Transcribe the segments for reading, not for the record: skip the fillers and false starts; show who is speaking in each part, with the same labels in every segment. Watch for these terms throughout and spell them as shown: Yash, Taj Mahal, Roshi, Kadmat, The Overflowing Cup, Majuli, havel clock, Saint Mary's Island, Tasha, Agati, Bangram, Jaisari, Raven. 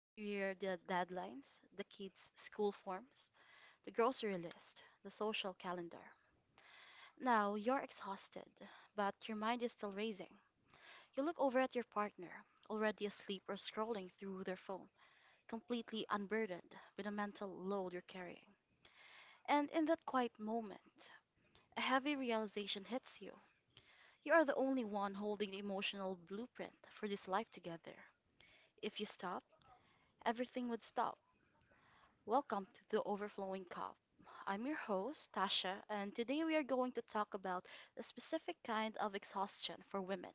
Speaker 1: the career deadlines, the kids' school forms, the grocery list, the social calendar. Now you're exhausted, but your mind is still racing. You look over at your partner, already asleep or scrolling through their phone, completely unburdened with the mental load you're carrying. And in that quiet moment, a heavy realization hits you. You are the only one holding the emotional blueprint for this life together. If you stop, everything would stop. Welcome to the Overflowing Cup. I'm your host, Tasha, and today we are going to talk about a specific kind of exhaustion for women.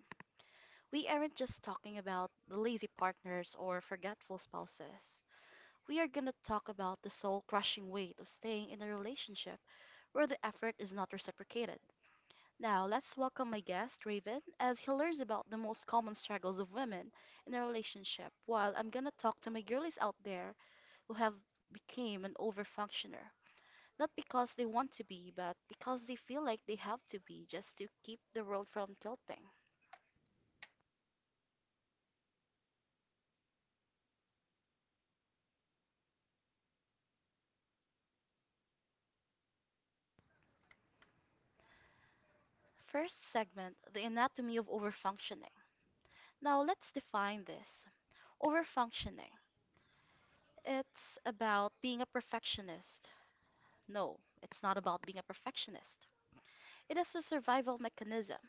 Speaker 1: We aren't just talking about the lazy partners or forgetful spouses. We are going to talk about the soul crushing weight of staying in a relationship where the effort is not reciprocated. Now, let's welcome my guest, Raven, as he learns about the most common struggles of women in a relationship, while I'm gonna talk to my girlies out there who have became an overfunctioner. Not because they want to be, but because they feel like they have to be just to keep the world from tilting. First segment, the anatomy of overfunctioning. Now, let's define this. Overfunctioning. It's about being a perfectionist. No, it's not about being a perfectionist. It is a survival mechanism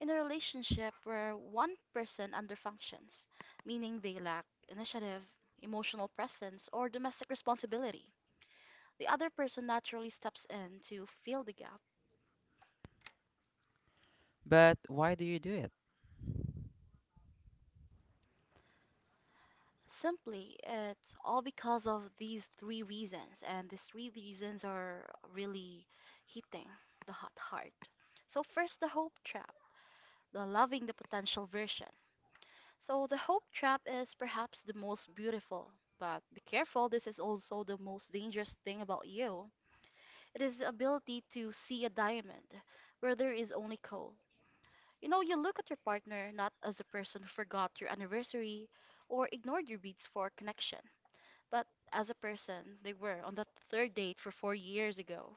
Speaker 1: in a relationship where one person underfunctions, meaning they lack initiative, emotional presence, or domestic responsibility. The other person naturally steps in to fill the gap.
Speaker 2: But why do you do it?
Speaker 1: Simply, it's all because of these three reasons, and these three reasons are really hitting the hot heart. So, first, the hope trap, the loving the potential version. So the hope trap is perhaps the most beautiful, but be careful, this is also the most dangerous thing about you. It is the ability to see a diamond where there is only coal. You look at your partner not as the person who forgot your anniversary or ignored your beats for connection, but as a person they were on that third date for 4 years ago.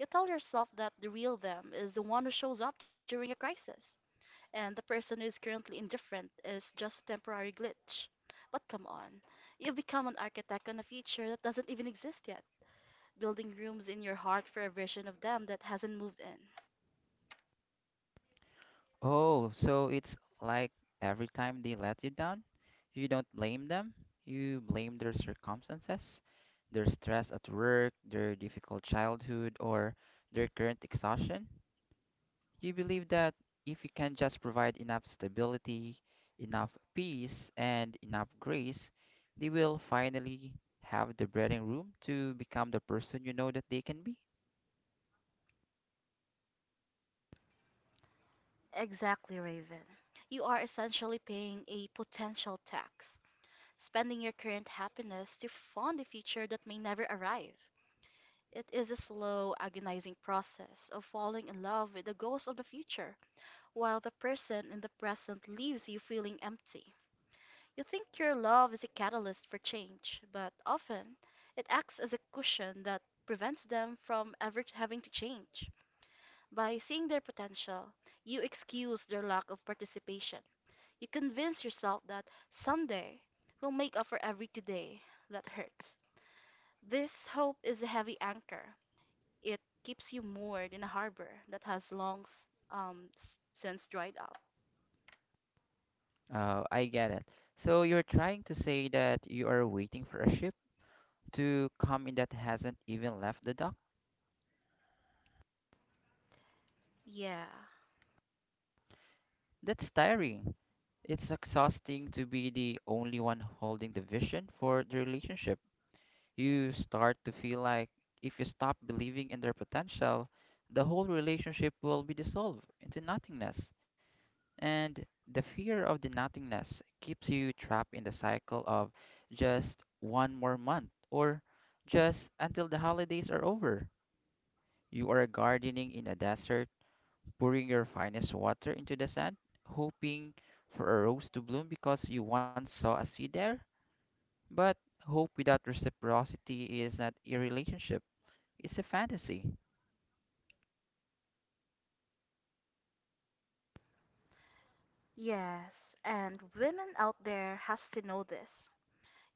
Speaker 1: You tell yourself that the real them is the one who shows up during a crisis and the person who is currently indifferent is just a temporary glitch. But come on, you've become an architect on a feature that doesn't even exist yet, building rooms in your heart for a version of them that hasn't moved in.
Speaker 2: Oh, so it's like every time they let you down, you don't blame them, you blame their circumstances, their stress at work, their difficult childhood, or their current exhaustion. You believe that if you can just provide enough stability, enough peace, and enough grace, they will finally have the breathing room to become the person you know that they can be.
Speaker 1: Exactly, Raven. You are essentially paying a potential tax, spending your current happiness to fund a future that may never arrive. It is a slow, agonizing process of falling in love with the ghost of the future, while the person in the present leaves you feeling empty. You think your love is a catalyst for change, but often it acts as a cushion that prevents them from ever having to change. By seeing their potential, you excuse their lack of participation. You convince yourself that someday will make up for every today that hurts. This hope is a heavy anchor. It keeps you moored in a harbor that has long since dried up.
Speaker 2: Oh, I get it. So you're trying to say that you are waiting for a ship to come in that hasn't even left the dock?
Speaker 1: Yeah.
Speaker 2: That's tiring. It's exhausting to be the only one holding the vision for the relationship. You start to feel like if you stop believing in their potential, the whole relationship will be dissolved into nothingness. And the fear of the nothingness keeps you trapped in the cycle of just one more month or just until the holidays are over. You are gardening in a desert, pouring your finest water into the sand, hoping for a rose to bloom because you once saw a seed there. But hope without reciprocity is not a relationship, it's a fantasy.
Speaker 1: Yes, and women out there has to know this.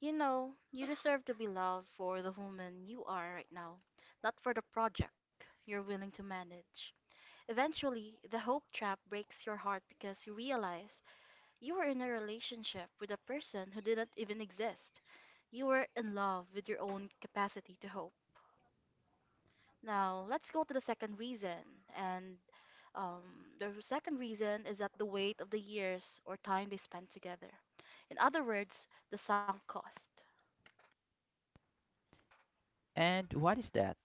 Speaker 1: You deserve to be loved for the woman you are right now, not for the project you're willing to manage. Eventually, the hope trap breaks your heart because you realize you were in a relationship with a person who didn't even exist. You were in love with your own capacity to hope. Now, let's go to the second reason. And um, the second reason is that the weight of the years or time they spent together. In other words, the sunk cost.
Speaker 2: And what is that?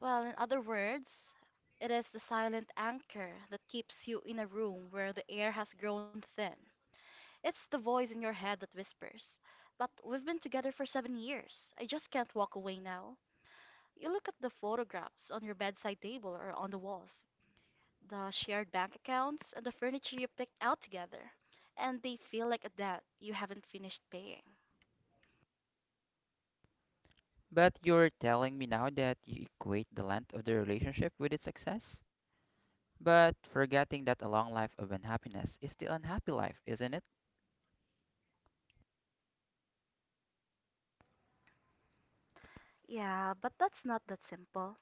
Speaker 1: Well, in other words, it is the silent anchor that keeps you in a room where the air has grown thin. It's the voice in your head that whispers, but we've been together for 7 years. I just can't walk away now. You look at the photographs on your bedside table or on the walls, the shared bank accounts, and the furniture you picked out together, and they feel like a debt you haven't finished paying.
Speaker 2: But you're telling me now that you equate the length of the relationship with its success? But forgetting that a long life of unhappiness is still unhappy life, isn't it?
Speaker 1: Yeah, but that's not that simple.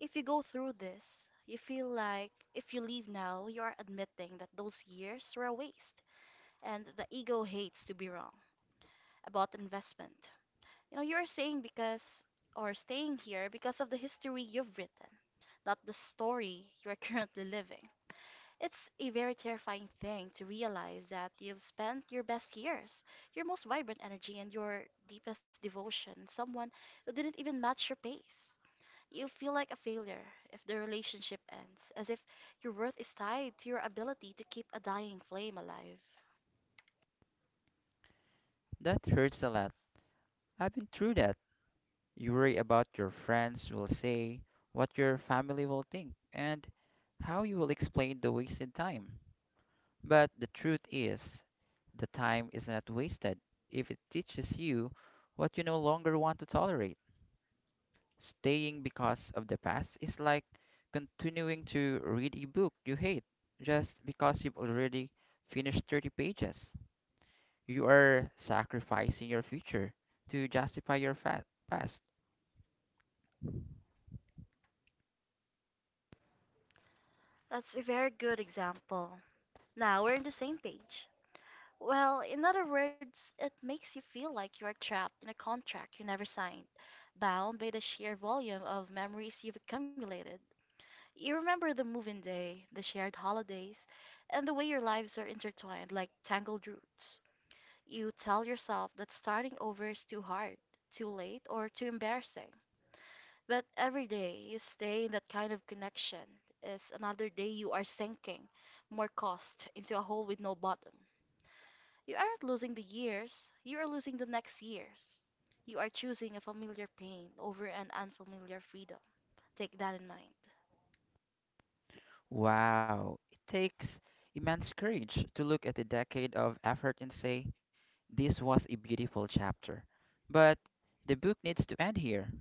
Speaker 1: If you go through this, you feel like if you leave now, you are admitting that those years were a waste, and the ego hates to be wrong about investment. You're saying because or staying here because of the history you've written, not the story you're currently living. It's a very terrifying thing to realize that you've spent your best years, your most vibrant energy, and your deepest devotion, someone who didn't even match your pace. You feel like a failure if the relationship ends, as if your worth is tied to your ability to keep a dying flame alive.
Speaker 2: That hurts a lot. I've been through that. You worry about your friends will say, what your family will think, and how you will explain the wasted time. But the truth is, the time is not wasted if it teaches you what you no longer want to tolerate. Staying because of the past is like continuing to read a book you hate just because you've already finished 30 pages. You are sacrificing your future to justify your past.
Speaker 1: That's a very good example. Now we're on the same page. Well, in other words, it makes you feel like you are trapped in a contract you never signed, bound by the sheer volume of memories you've accumulated. You remember the moving day, the shared holidays, and the way your lives are intertwined like tangled roots. You tell yourself that starting over is too hard, too late, or too embarrassing. But every day you stay in that kind of connection is another day you are sinking more cost into a hole with no bottom. You aren't losing the years, you are losing the next years. You are choosing a familiar pain over an unfamiliar freedom. Take that in mind.
Speaker 2: Wow, it takes immense courage to look at a decade of effort and say, this was a beautiful chapter. But the book needs to end here.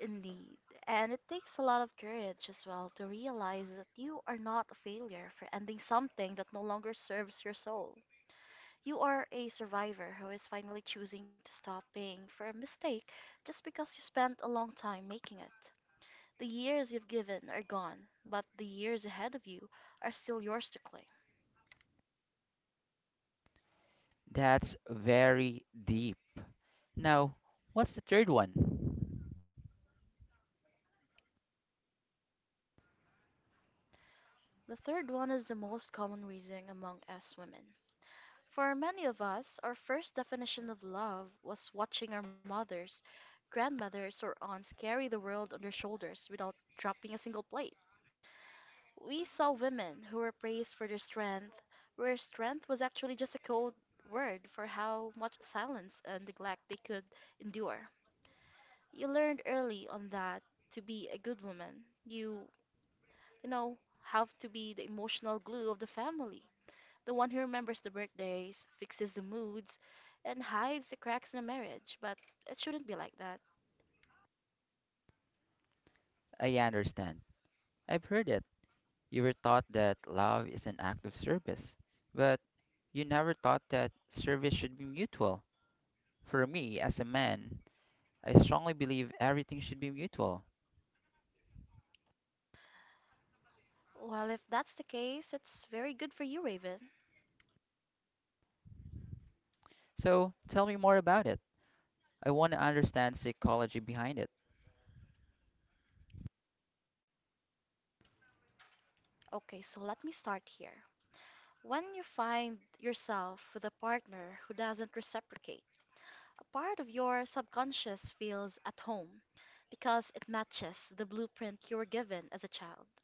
Speaker 1: Indeed. And it takes a lot of courage as well to realize that you are not a failure for ending something that no longer serves your soul. You are a survivor who is finally choosing to stop paying for a mistake just because you spent a long time making it. The years you've given are gone, but the years ahead of you are still yours to claim.
Speaker 2: That's very deep. Now, what's the third one?
Speaker 1: The third one is the most common reason among us women. For many of us, our first definition of love was watching our mothers, grandmothers, or aunts carry the world on their shoulders without dropping a single plate. We saw women who were praised for their strength, where strength was actually just a cold word for how much silence and neglect they could endure. You learned early on that to be a good woman, you, have to be the emotional glue of the family, the one who remembers the birthdays, fixes the moods, and hides the cracks in a marriage. But it shouldn't be like that.
Speaker 2: I understand. I've heard it. You were taught that love is an act of service, but you never thought that service should be mutual. For me, as a man, I strongly believe everything should be mutual.
Speaker 1: Well, if that's the case, it's very good for you, Raven.
Speaker 2: So tell me more about it. I want to understand psychology behind it.
Speaker 1: Okay, so let me start here. When you find yourself with a partner who doesn't reciprocate, a part of your subconscious feels at home because it matches the blueprint you were given as a child.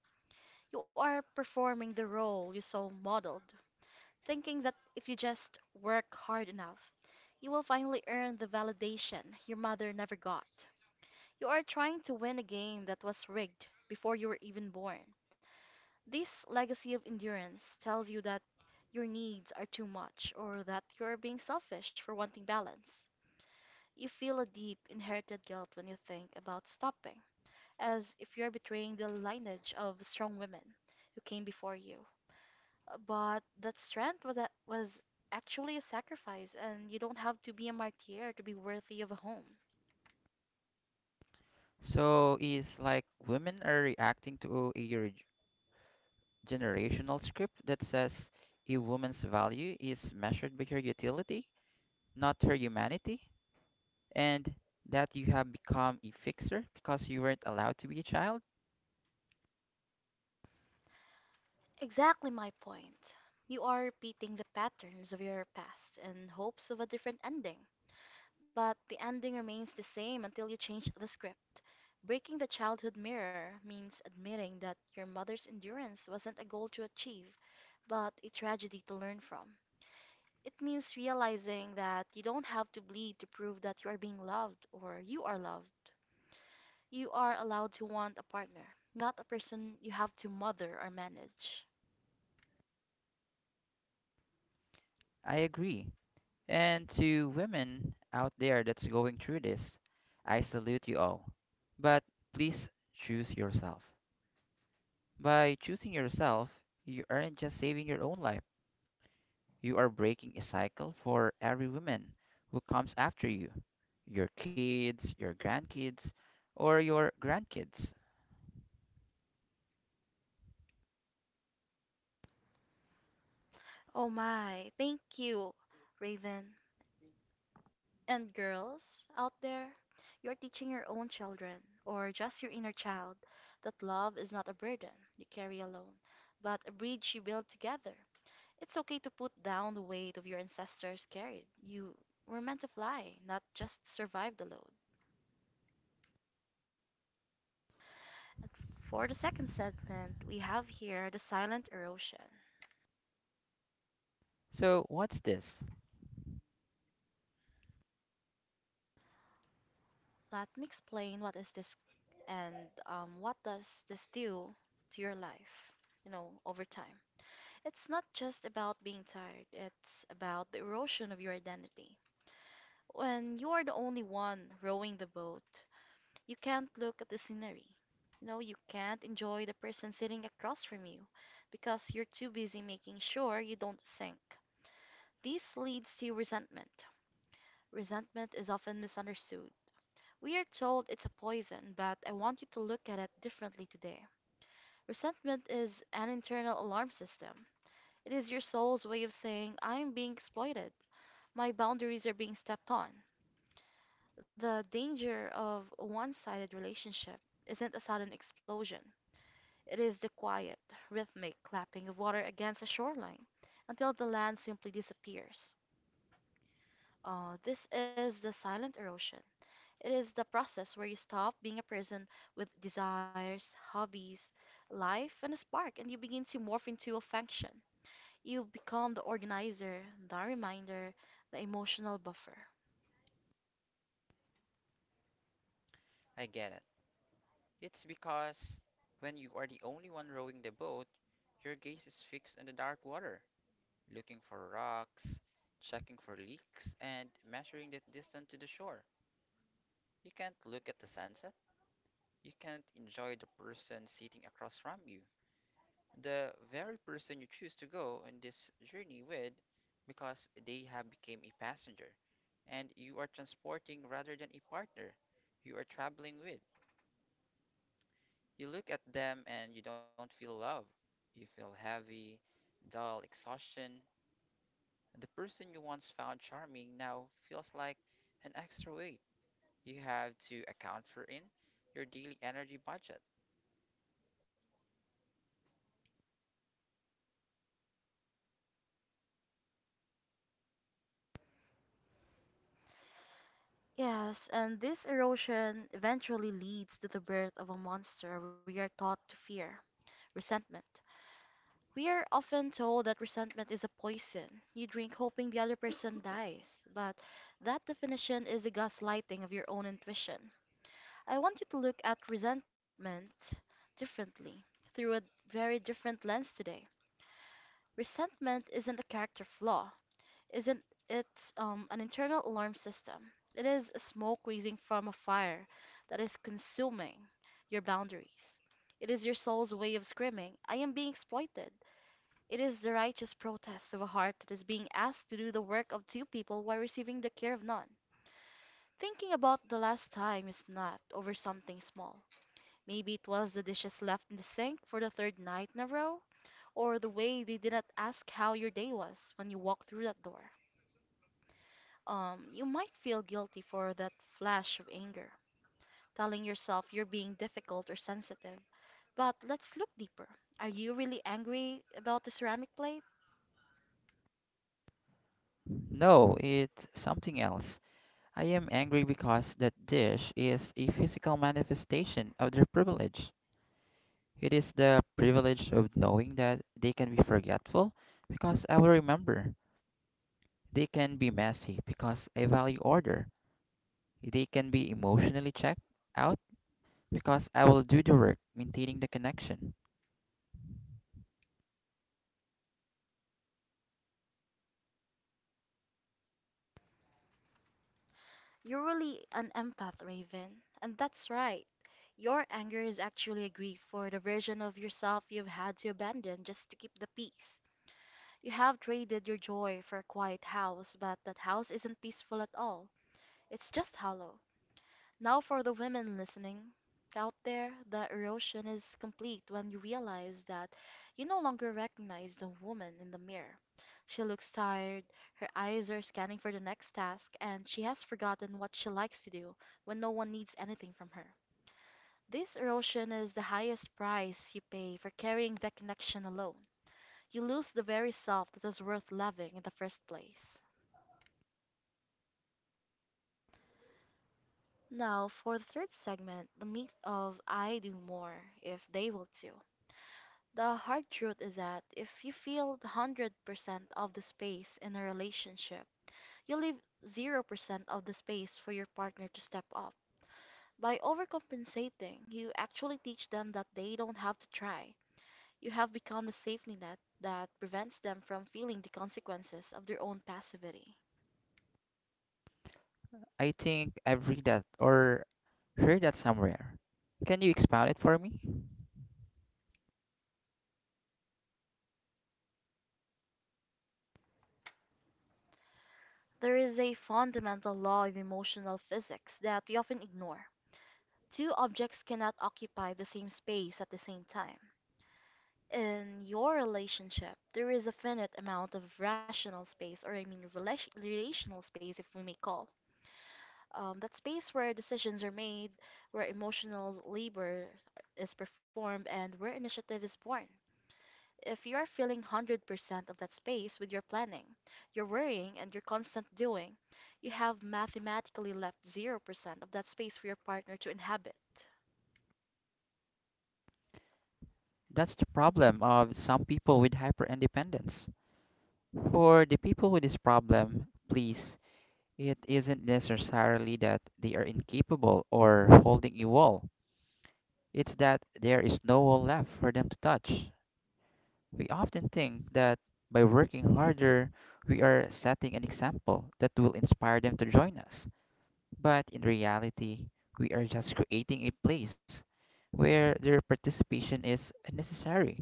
Speaker 1: You are performing the role you saw modeled, thinking that if you just work hard enough, you will finally earn the validation your mother never got. You are trying to win a game that was rigged before you were even born. This legacy of endurance tells you that your needs are too much or that you are being selfish for wanting balance. You feel a deep inherited guilt when you think about stopping, as if you are betraying the lineage of strong women who came before you. But that strength that was actually a sacrifice, and you don't have to be a martyr to be worthy of a home.
Speaker 2: So is like women are reacting to a generational script that says a woman's value is measured by her utility, not her humanity, and that you have become a fixer because you weren't allowed to be a child?
Speaker 1: Exactly my point. You are repeating the patterns of your past in hopes of a different ending, but the ending remains the same until you change the script. Breaking the childhood mirror means admitting that your mother's endurance wasn't a goal to achieve, but a tragedy to learn from. It means realizing that you don't have to bleed to prove that you are being loved or you are loved. You are allowed to want a partner, not a person you have to mother or manage.
Speaker 2: I agree. And to women out there that's going through this, I salute you all. But please choose yourself. By choosing yourself, you aren't just saving your own life, you are breaking a cycle for every woman who comes after you, your kids, your grandkids, or your grandkids.
Speaker 1: Oh my, thank you, Raven. And girls out there, you are teaching your own children, or just your inner child, that love is not a burden you carry alone, but a bridge you build together. It's okay to put down the weight of your ancestors carried. You were meant to fly, not just survive the load. And for the second segment, we have here the silent erosion.
Speaker 2: So, what's this?
Speaker 1: Let me explain what is this and what does this do to your life, over time. It's not just about being tired, it's about the erosion of your identity. When you are the only one rowing the boat, you can't look at the scenery. No, you can't enjoy the person sitting across from you because you're too busy making sure you don't sink. This leads to resentment. Resentment is often misunderstood. We are told it's a poison, but I want you to look at it differently today. Resentment is an internal alarm system. It is your soul's way of saying, I am being exploited. My boundaries are being stepped on. The danger of a one sided relationship isn't a sudden explosion, it is the quiet, rhythmic clapping of water against a shoreline until the land simply disappears. This is the silent erosion. It is the process where you stop being a person with desires, hobbies, life, and a spark, and you begin to morph into a function. You become the organizer, the reminder, the emotional buffer.
Speaker 2: I get it. It's because when you are the only one rowing the boat, your gaze is fixed on the dark water, looking for rocks, checking for leaks, and measuring the distance to the shore. You can't look at the sunset. You can't enjoy the person sitting across from you. The very person you choose to go on this journey with because they have become a passenger and you are transporting rather than a partner you are traveling with. You look at them and you don't feel love. You feel heavy, dull exhaustion. The person you once found charming now feels like an extra weight you have to account for in your daily energy budget.
Speaker 1: Yes, and this erosion eventually leads to the birth of a monster we are taught to fear resentment. We are often told that resentment is a poison. You drink hoping the other person dies, but that definition is a gaslighting of your own intuition. I want you to look at resentment differently, through a very different lens today. Resentment isn't a character flaw, isn't it an internal alarm system? It is smoke rising from a fire that is consuming your boundaries. It is your soul's way of screaming, I am being exploited. It is the righteous protest of a heart that is being asked to do the work of two people while receiving the care of none. Thinking about the last time you snapped over something small. Maybe it was the dishes left in the sink for the third night in a row, or the way they did not ask how your day was when you walked through that door. You might feel guilty for that flash of anger, telling yourself you're being difficult or sensitive. But let's look deeper. Are you really angry about the ceramic plate?
Speaker 2: No, it's something else. I am angry because that dish is a physical manifestation of their privilege. It is the privilege of knowing that they can be forgetful because I will remember. They can be messy because I value order. They can be emotionally checked out because I will do the work maintaining the connection.
Speaker 1: You're really an empath, Raven. And that's right. Your anger is actually a grief for the version of yourself you've had to abandon just to keep the peace. You have traded your joy for a quiet house, but that house isn't peaceful at all. It's just hollow. Now, for the women listening out there, the erosion is complete when you realize that you no longer recognize the woman in the mirror. She looks tired, her eyes are scanning for the next task, and she has forgotten what she likes to do when no one needs anything from her. This erosion is the highest price you pay for carrying that connection alone. You lose the very self that was worth loving in the first place. Now, for the third segment, the myth of I do more if they will too. The hard truth is that if you filled 100% of the space in a relationship, you leave 0% of the space for your partner to step up. By overcompensating, you actually teach them that they don't have to try. You have become the safety net that prevents them from feeling the consequences of their own passivity.
Speaker 2: I think I've read that or heard that somewhere. Can you expound it for me?
Speaker 1: There is a fundamental law in emotional physics that we often ignore. Two objects cannot occupy the same space at the same time. In your relationship, there is a finite amount of rational space, or I mean relation, relational space, if we may call. That space where decisions are made, where emotional labor is performed, and where initiative is born. If you are filling 100% of that space with your planning, your worrying, and your constant doing, you have mathematically left 0% of that space for your partner to inhabit.
Speaker 2: That's the problem of some people with hyper independence. For the people with this problem, please, it isn't necessarily that they are incapable or holding a wall. It's that there is no wall left for them to touch. We often think that by working harder, we are setting an example that will inspire them to join us. But in reality, we are just creating a place where their participation is unnecessary.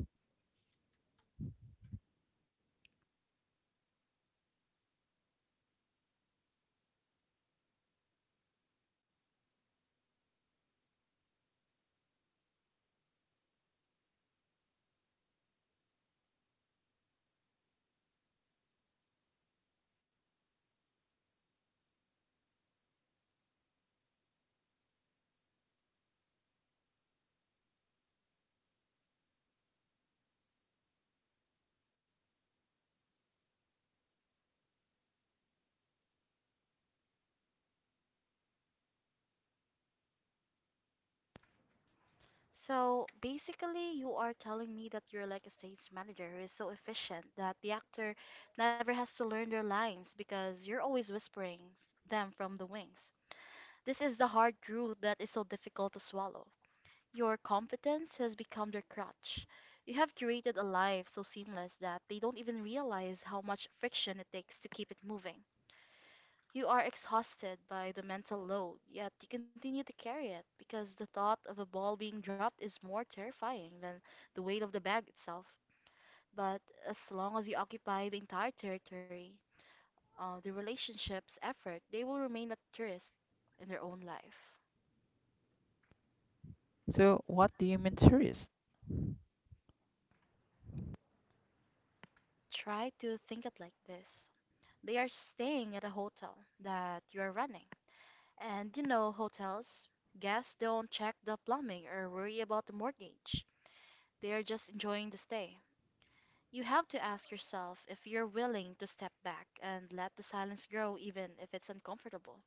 Speaker 1: So basically, you are telling me that you're like a stage manager who is so efficient that the actor never has to learn their lines because you're always whispering them from the wings. This is the hard truth that is so difficult to swallow. Your competence has become their crutch. You have curated a life so seamless that they don't even realize how much friction it takes to keep it moving. You are exhausted by the mental load, yet you continue to carry it because the thought of a ball being dropped is more terrifying than the weight of the bag itself. But as long as you occupy the entire territory, the relationship's effort, they will remain a tourist in their own life.
Speaker 2: So, what do you mean, tourist?
Speaker 1: Try to think it like this. They are staying at a hotel that you are running. And you know, hotels, guests don't check the plumbing or worry about the mortgage. They are just enjoying the stay. You have to ask yourself if you're willing to step back and let the silence grow, even if it's uncomfortable.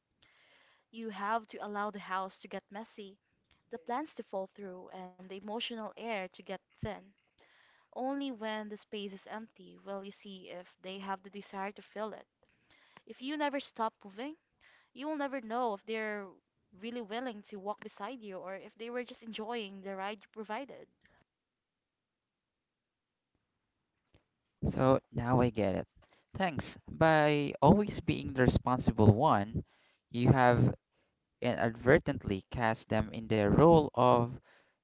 Speaker 1: You have to allow the house to get messy, the plans to fall through, and the emotional air to get thin. Only when the space is empty will you see if they have the desire to fill it. If you never stop moving, you will never know if they're really willing to walk beside you or if they were just enjoying the ride you provided.
Speaker 2: So, now I get it. Thanks. By always being the responsible one, you have inadvertently cast them in the role of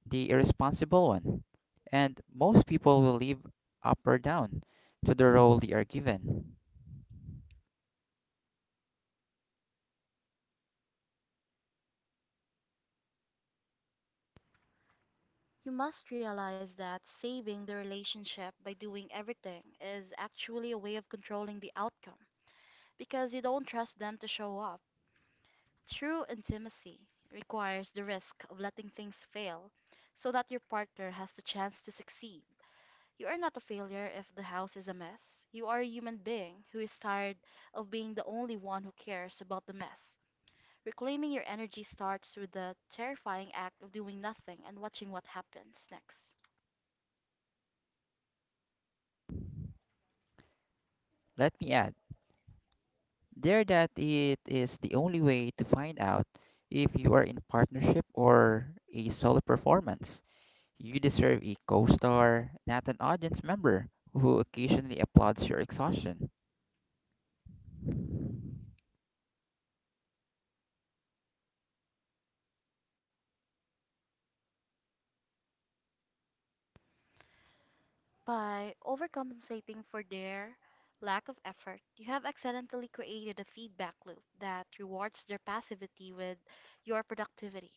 Speaker 2: the irresponsible one. And most people will live up or down to the role they are given.
Speaker 1: You must realize that saving the relationship by doing everything is actually a way of controlling the outcome because you don't trust them to show up. True intimacy requires the risk of letting things fail so that your partner has the chance to succeed. You are not a failure if the house is a mess. You are a human being who is tired of being the only one who cares about the mess. Reclaiming your energy starts with the terrifying act of doing nothing and watching what happens next.
Speaker 2: Let me add, there, that it is the only way to find out if you are in partnership or a solo performance. You deserve a co-star, not an audience member who occasionally applauds your exhaustion.
Speaker 1: By overcompensating for their lack of effort, you have accidentally created a feedback loop that rewards their passivity with your productivity.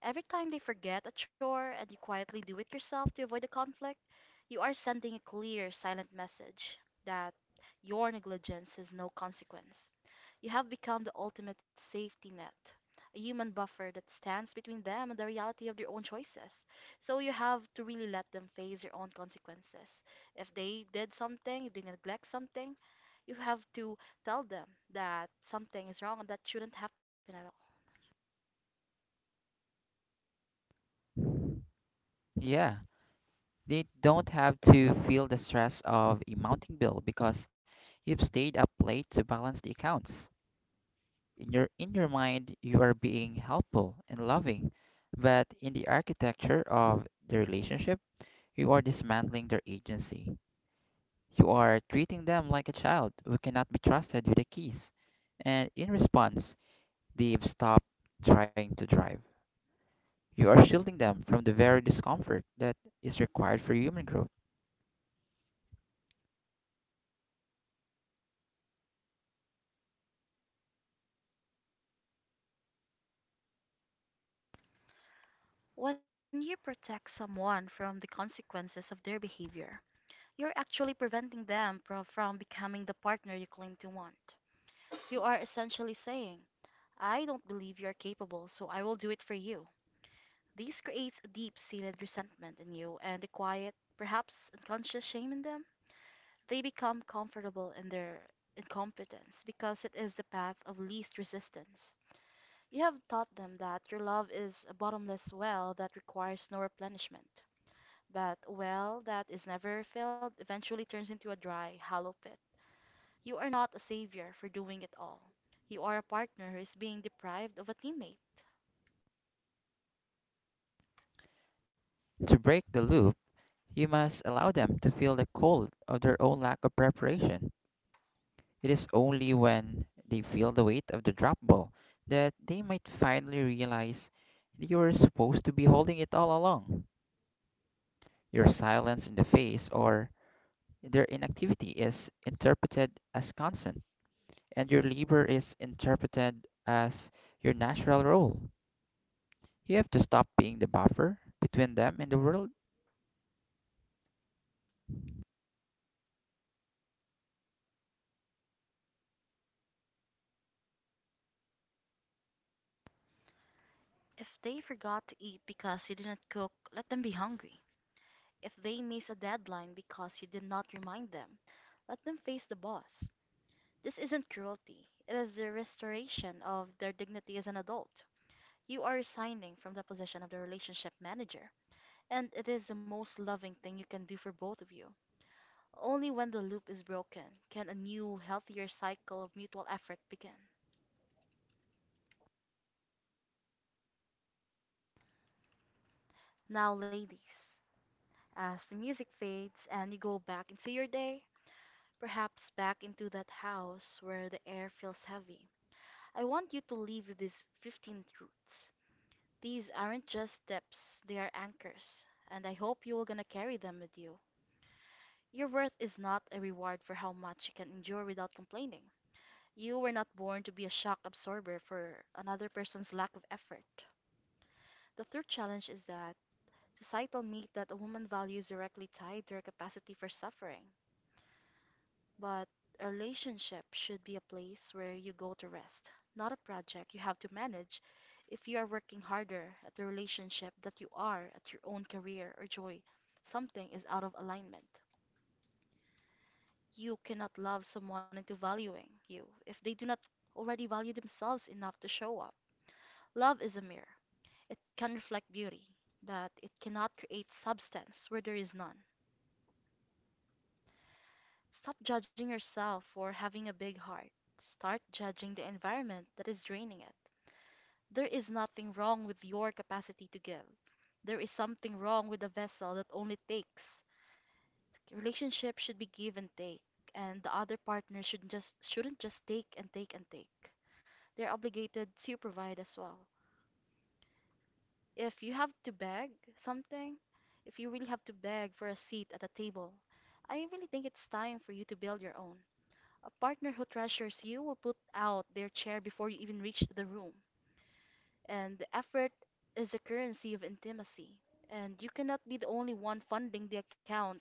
Speaker 1: Every time they forget a chore and you quietly do it yourself to avoid a conflict, you are sending a clear, silent message that your negligence has no consequence. You have become the ultimate safety net, a human buffer that stands between them and the reality of their own choices. So you have to really let them face their own consequences. If they did something, if they neglect something, you have to tell them that something is wrong and that shouldn't happen at all.
Speaker 2: Yeah, they don't have to feel the stress of a mounting bill because you've stayed up late to balance the accounts. In your mind, you are being helpful and loving, but in the architecture of the relationship, you are dismantling their agency. You are treating them like a child who cannot be trusted with the keys, and in response, they've stopped trying to drive. You are shielding them from the very discomfort that is required for human growth.
Speaker 1: When you protect someone from the consequences of their behavior, you're actually preventing them from becoming the partner you claim to want. You are essentially saying, I don't believe you're capable, so I will do it for you. This creates a deep seated resentment in you and a quiet, perhaps unconscious shame in them. They become comfortable in their incompetence because it is the path of least resistance. You have taught them that your love is a bottomless well that requires no replenishment. But a well that is never filled eventually turns into a dry, hollow pit. You are not a savior for doing it all. You are a partner who is being deprived of a teammate.
Speaker 2: To break the loop, you must allow them to feel the cold of their own lack of preparation. It is only when they feel the weight of the drop ball that they might finally realize that you are supposed to be holding it all along. Your silence in the face or their inactivity is interpreted as constant, and your labor is interpreted as your natural role. You have to stop being the buffer between them and the world.
Speaker 1: If they forgot to eat because you didn't cook, let them be hungry. If they miss a deadline because you did not remind them, let them face the boss. This isn't cruelty, it is the restoration of their dignity as an adult. You are resigning from the position of the relationship manager, and it is the most loving thing you can do for both of you. Only when the loop is broken can a new, healthier cycle of mutual effort begin. Now, ladies, as the music fades and you go back into your day, perhaps back into that house where the air feels heavy, I want you to leave with these 15 truths. These aren't just steps, they are anchors, and I hope you are gonna carry them with you. Your worth is not a reward for how much you can endure without complaining. You were not born to be a shock absorber for another person's lack of effort. The third challenge is that societal myth that a woman values directly tied to her capacity for suffering. But a relationship should be a place where you go to rest, not a project you have to manage if you are working harder at the relationship that you are at your own career or joy. Something is out of alignment. You cannot love someone into valuing you if they do not already value themselves enough to show up. Love is a mirror. It can reflect beauty, but it cannot create substance where there is none. Stop judging yourself for having a big heart. Start judging the environment that is draining it. There is nothing wrong with your capacity to give. There is something wrong with a vessel that only takes. Relationships should be give and take, and the other partner should just shouldn't just take and take and take. They're obligated to provide as well. If you have to beg something, if you really have to beg for a seat at a table, I really think it's time for you to build your own. A partner who treasures you will put out their chair before you even reach the room, and effort is a currency of intimacy, and you cannot be the only one funding the account.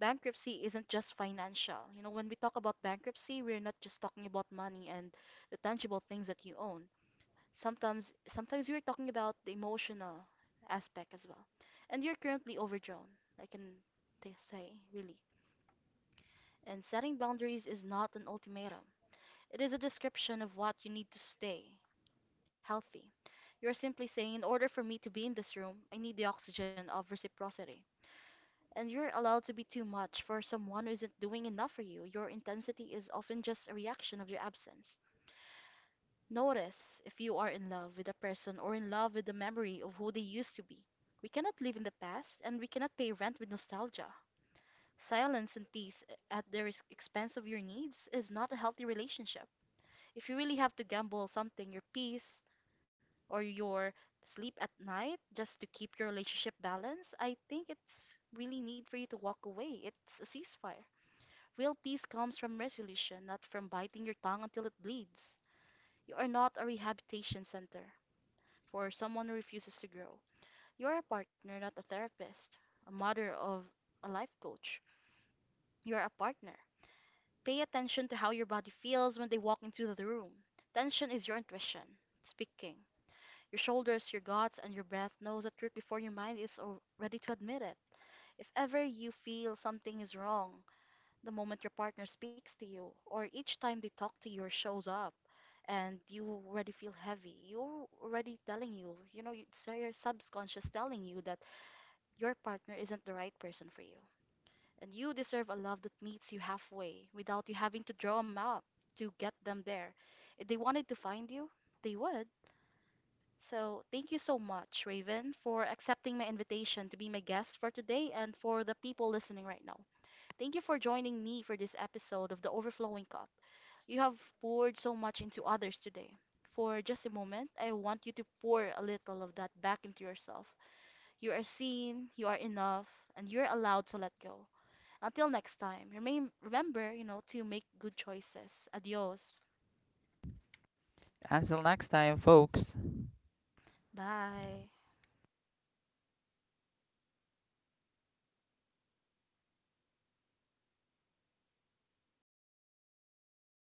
Speaker 1: Bankruptcy isn't just financial. You know, when we talk about bankruptcy, we're not just talking about money and the tangible things that you own. Sometimes we're talking about the emotional aspect as well. And you're currently overdrawn, I can say, really. And setting boundaries is not an ultimatum. It is a description of what you need to stay healthy. You're simply saying, in order for me to be in this room, I need the oxygen of reciprocity. And you're allowed to be too much for someone who isn't doing enough for you. Your intensity is often just a reaction of their absence. Notice if you are in love with a person or in love with the memory of who they used to be. We cannot live in the past and we cannot pay rent with nostalgia. Silence and peace at the expense of your needs is not a healthy relationship. If you really have to gamble something, your peace, or your sleep at night just to keep your relationship balanced, I think it's really need for you to walk away. It's a ceasefire. Real peace comes from resolution, not from biting your tongue until it bleeds. You are not a rehabilitation center for someone who refuses to grow. You are a partner, not a therapist, a mother of a life coach. You are a partner. Pay attention to how your body feels when they walk into the room. Tension is your intuition speaking. Your shoulders, your guts, and your breath knows the truth before your mind is ready to admit it. If ever you feel something is wrong, the moment your partner speaks to you, or each time they talk to you or shows up, and you already feel heavy, you're already telling you, you know, it's so your subconscious telling you that your partner isn't the right person for you. And you deserve a love that meets you halfway without you having to draw a map to get them there. If they wanted to find you, they would so, thank you so much, Raven, for accepting my invitation to be my guest for today and for the people listening right now. Thank you for joining me for this episode of The Overflowing Cup. You have poured so much into others today. For just a moment, I want you to pour a little of that back into yourself. You are seen, you are enough, and you're allowed to let go. Until next time, remain, remember, you know, to make good choices. Adios.
Speaker 2: Until next time, folks.
Speaker 1: Bye.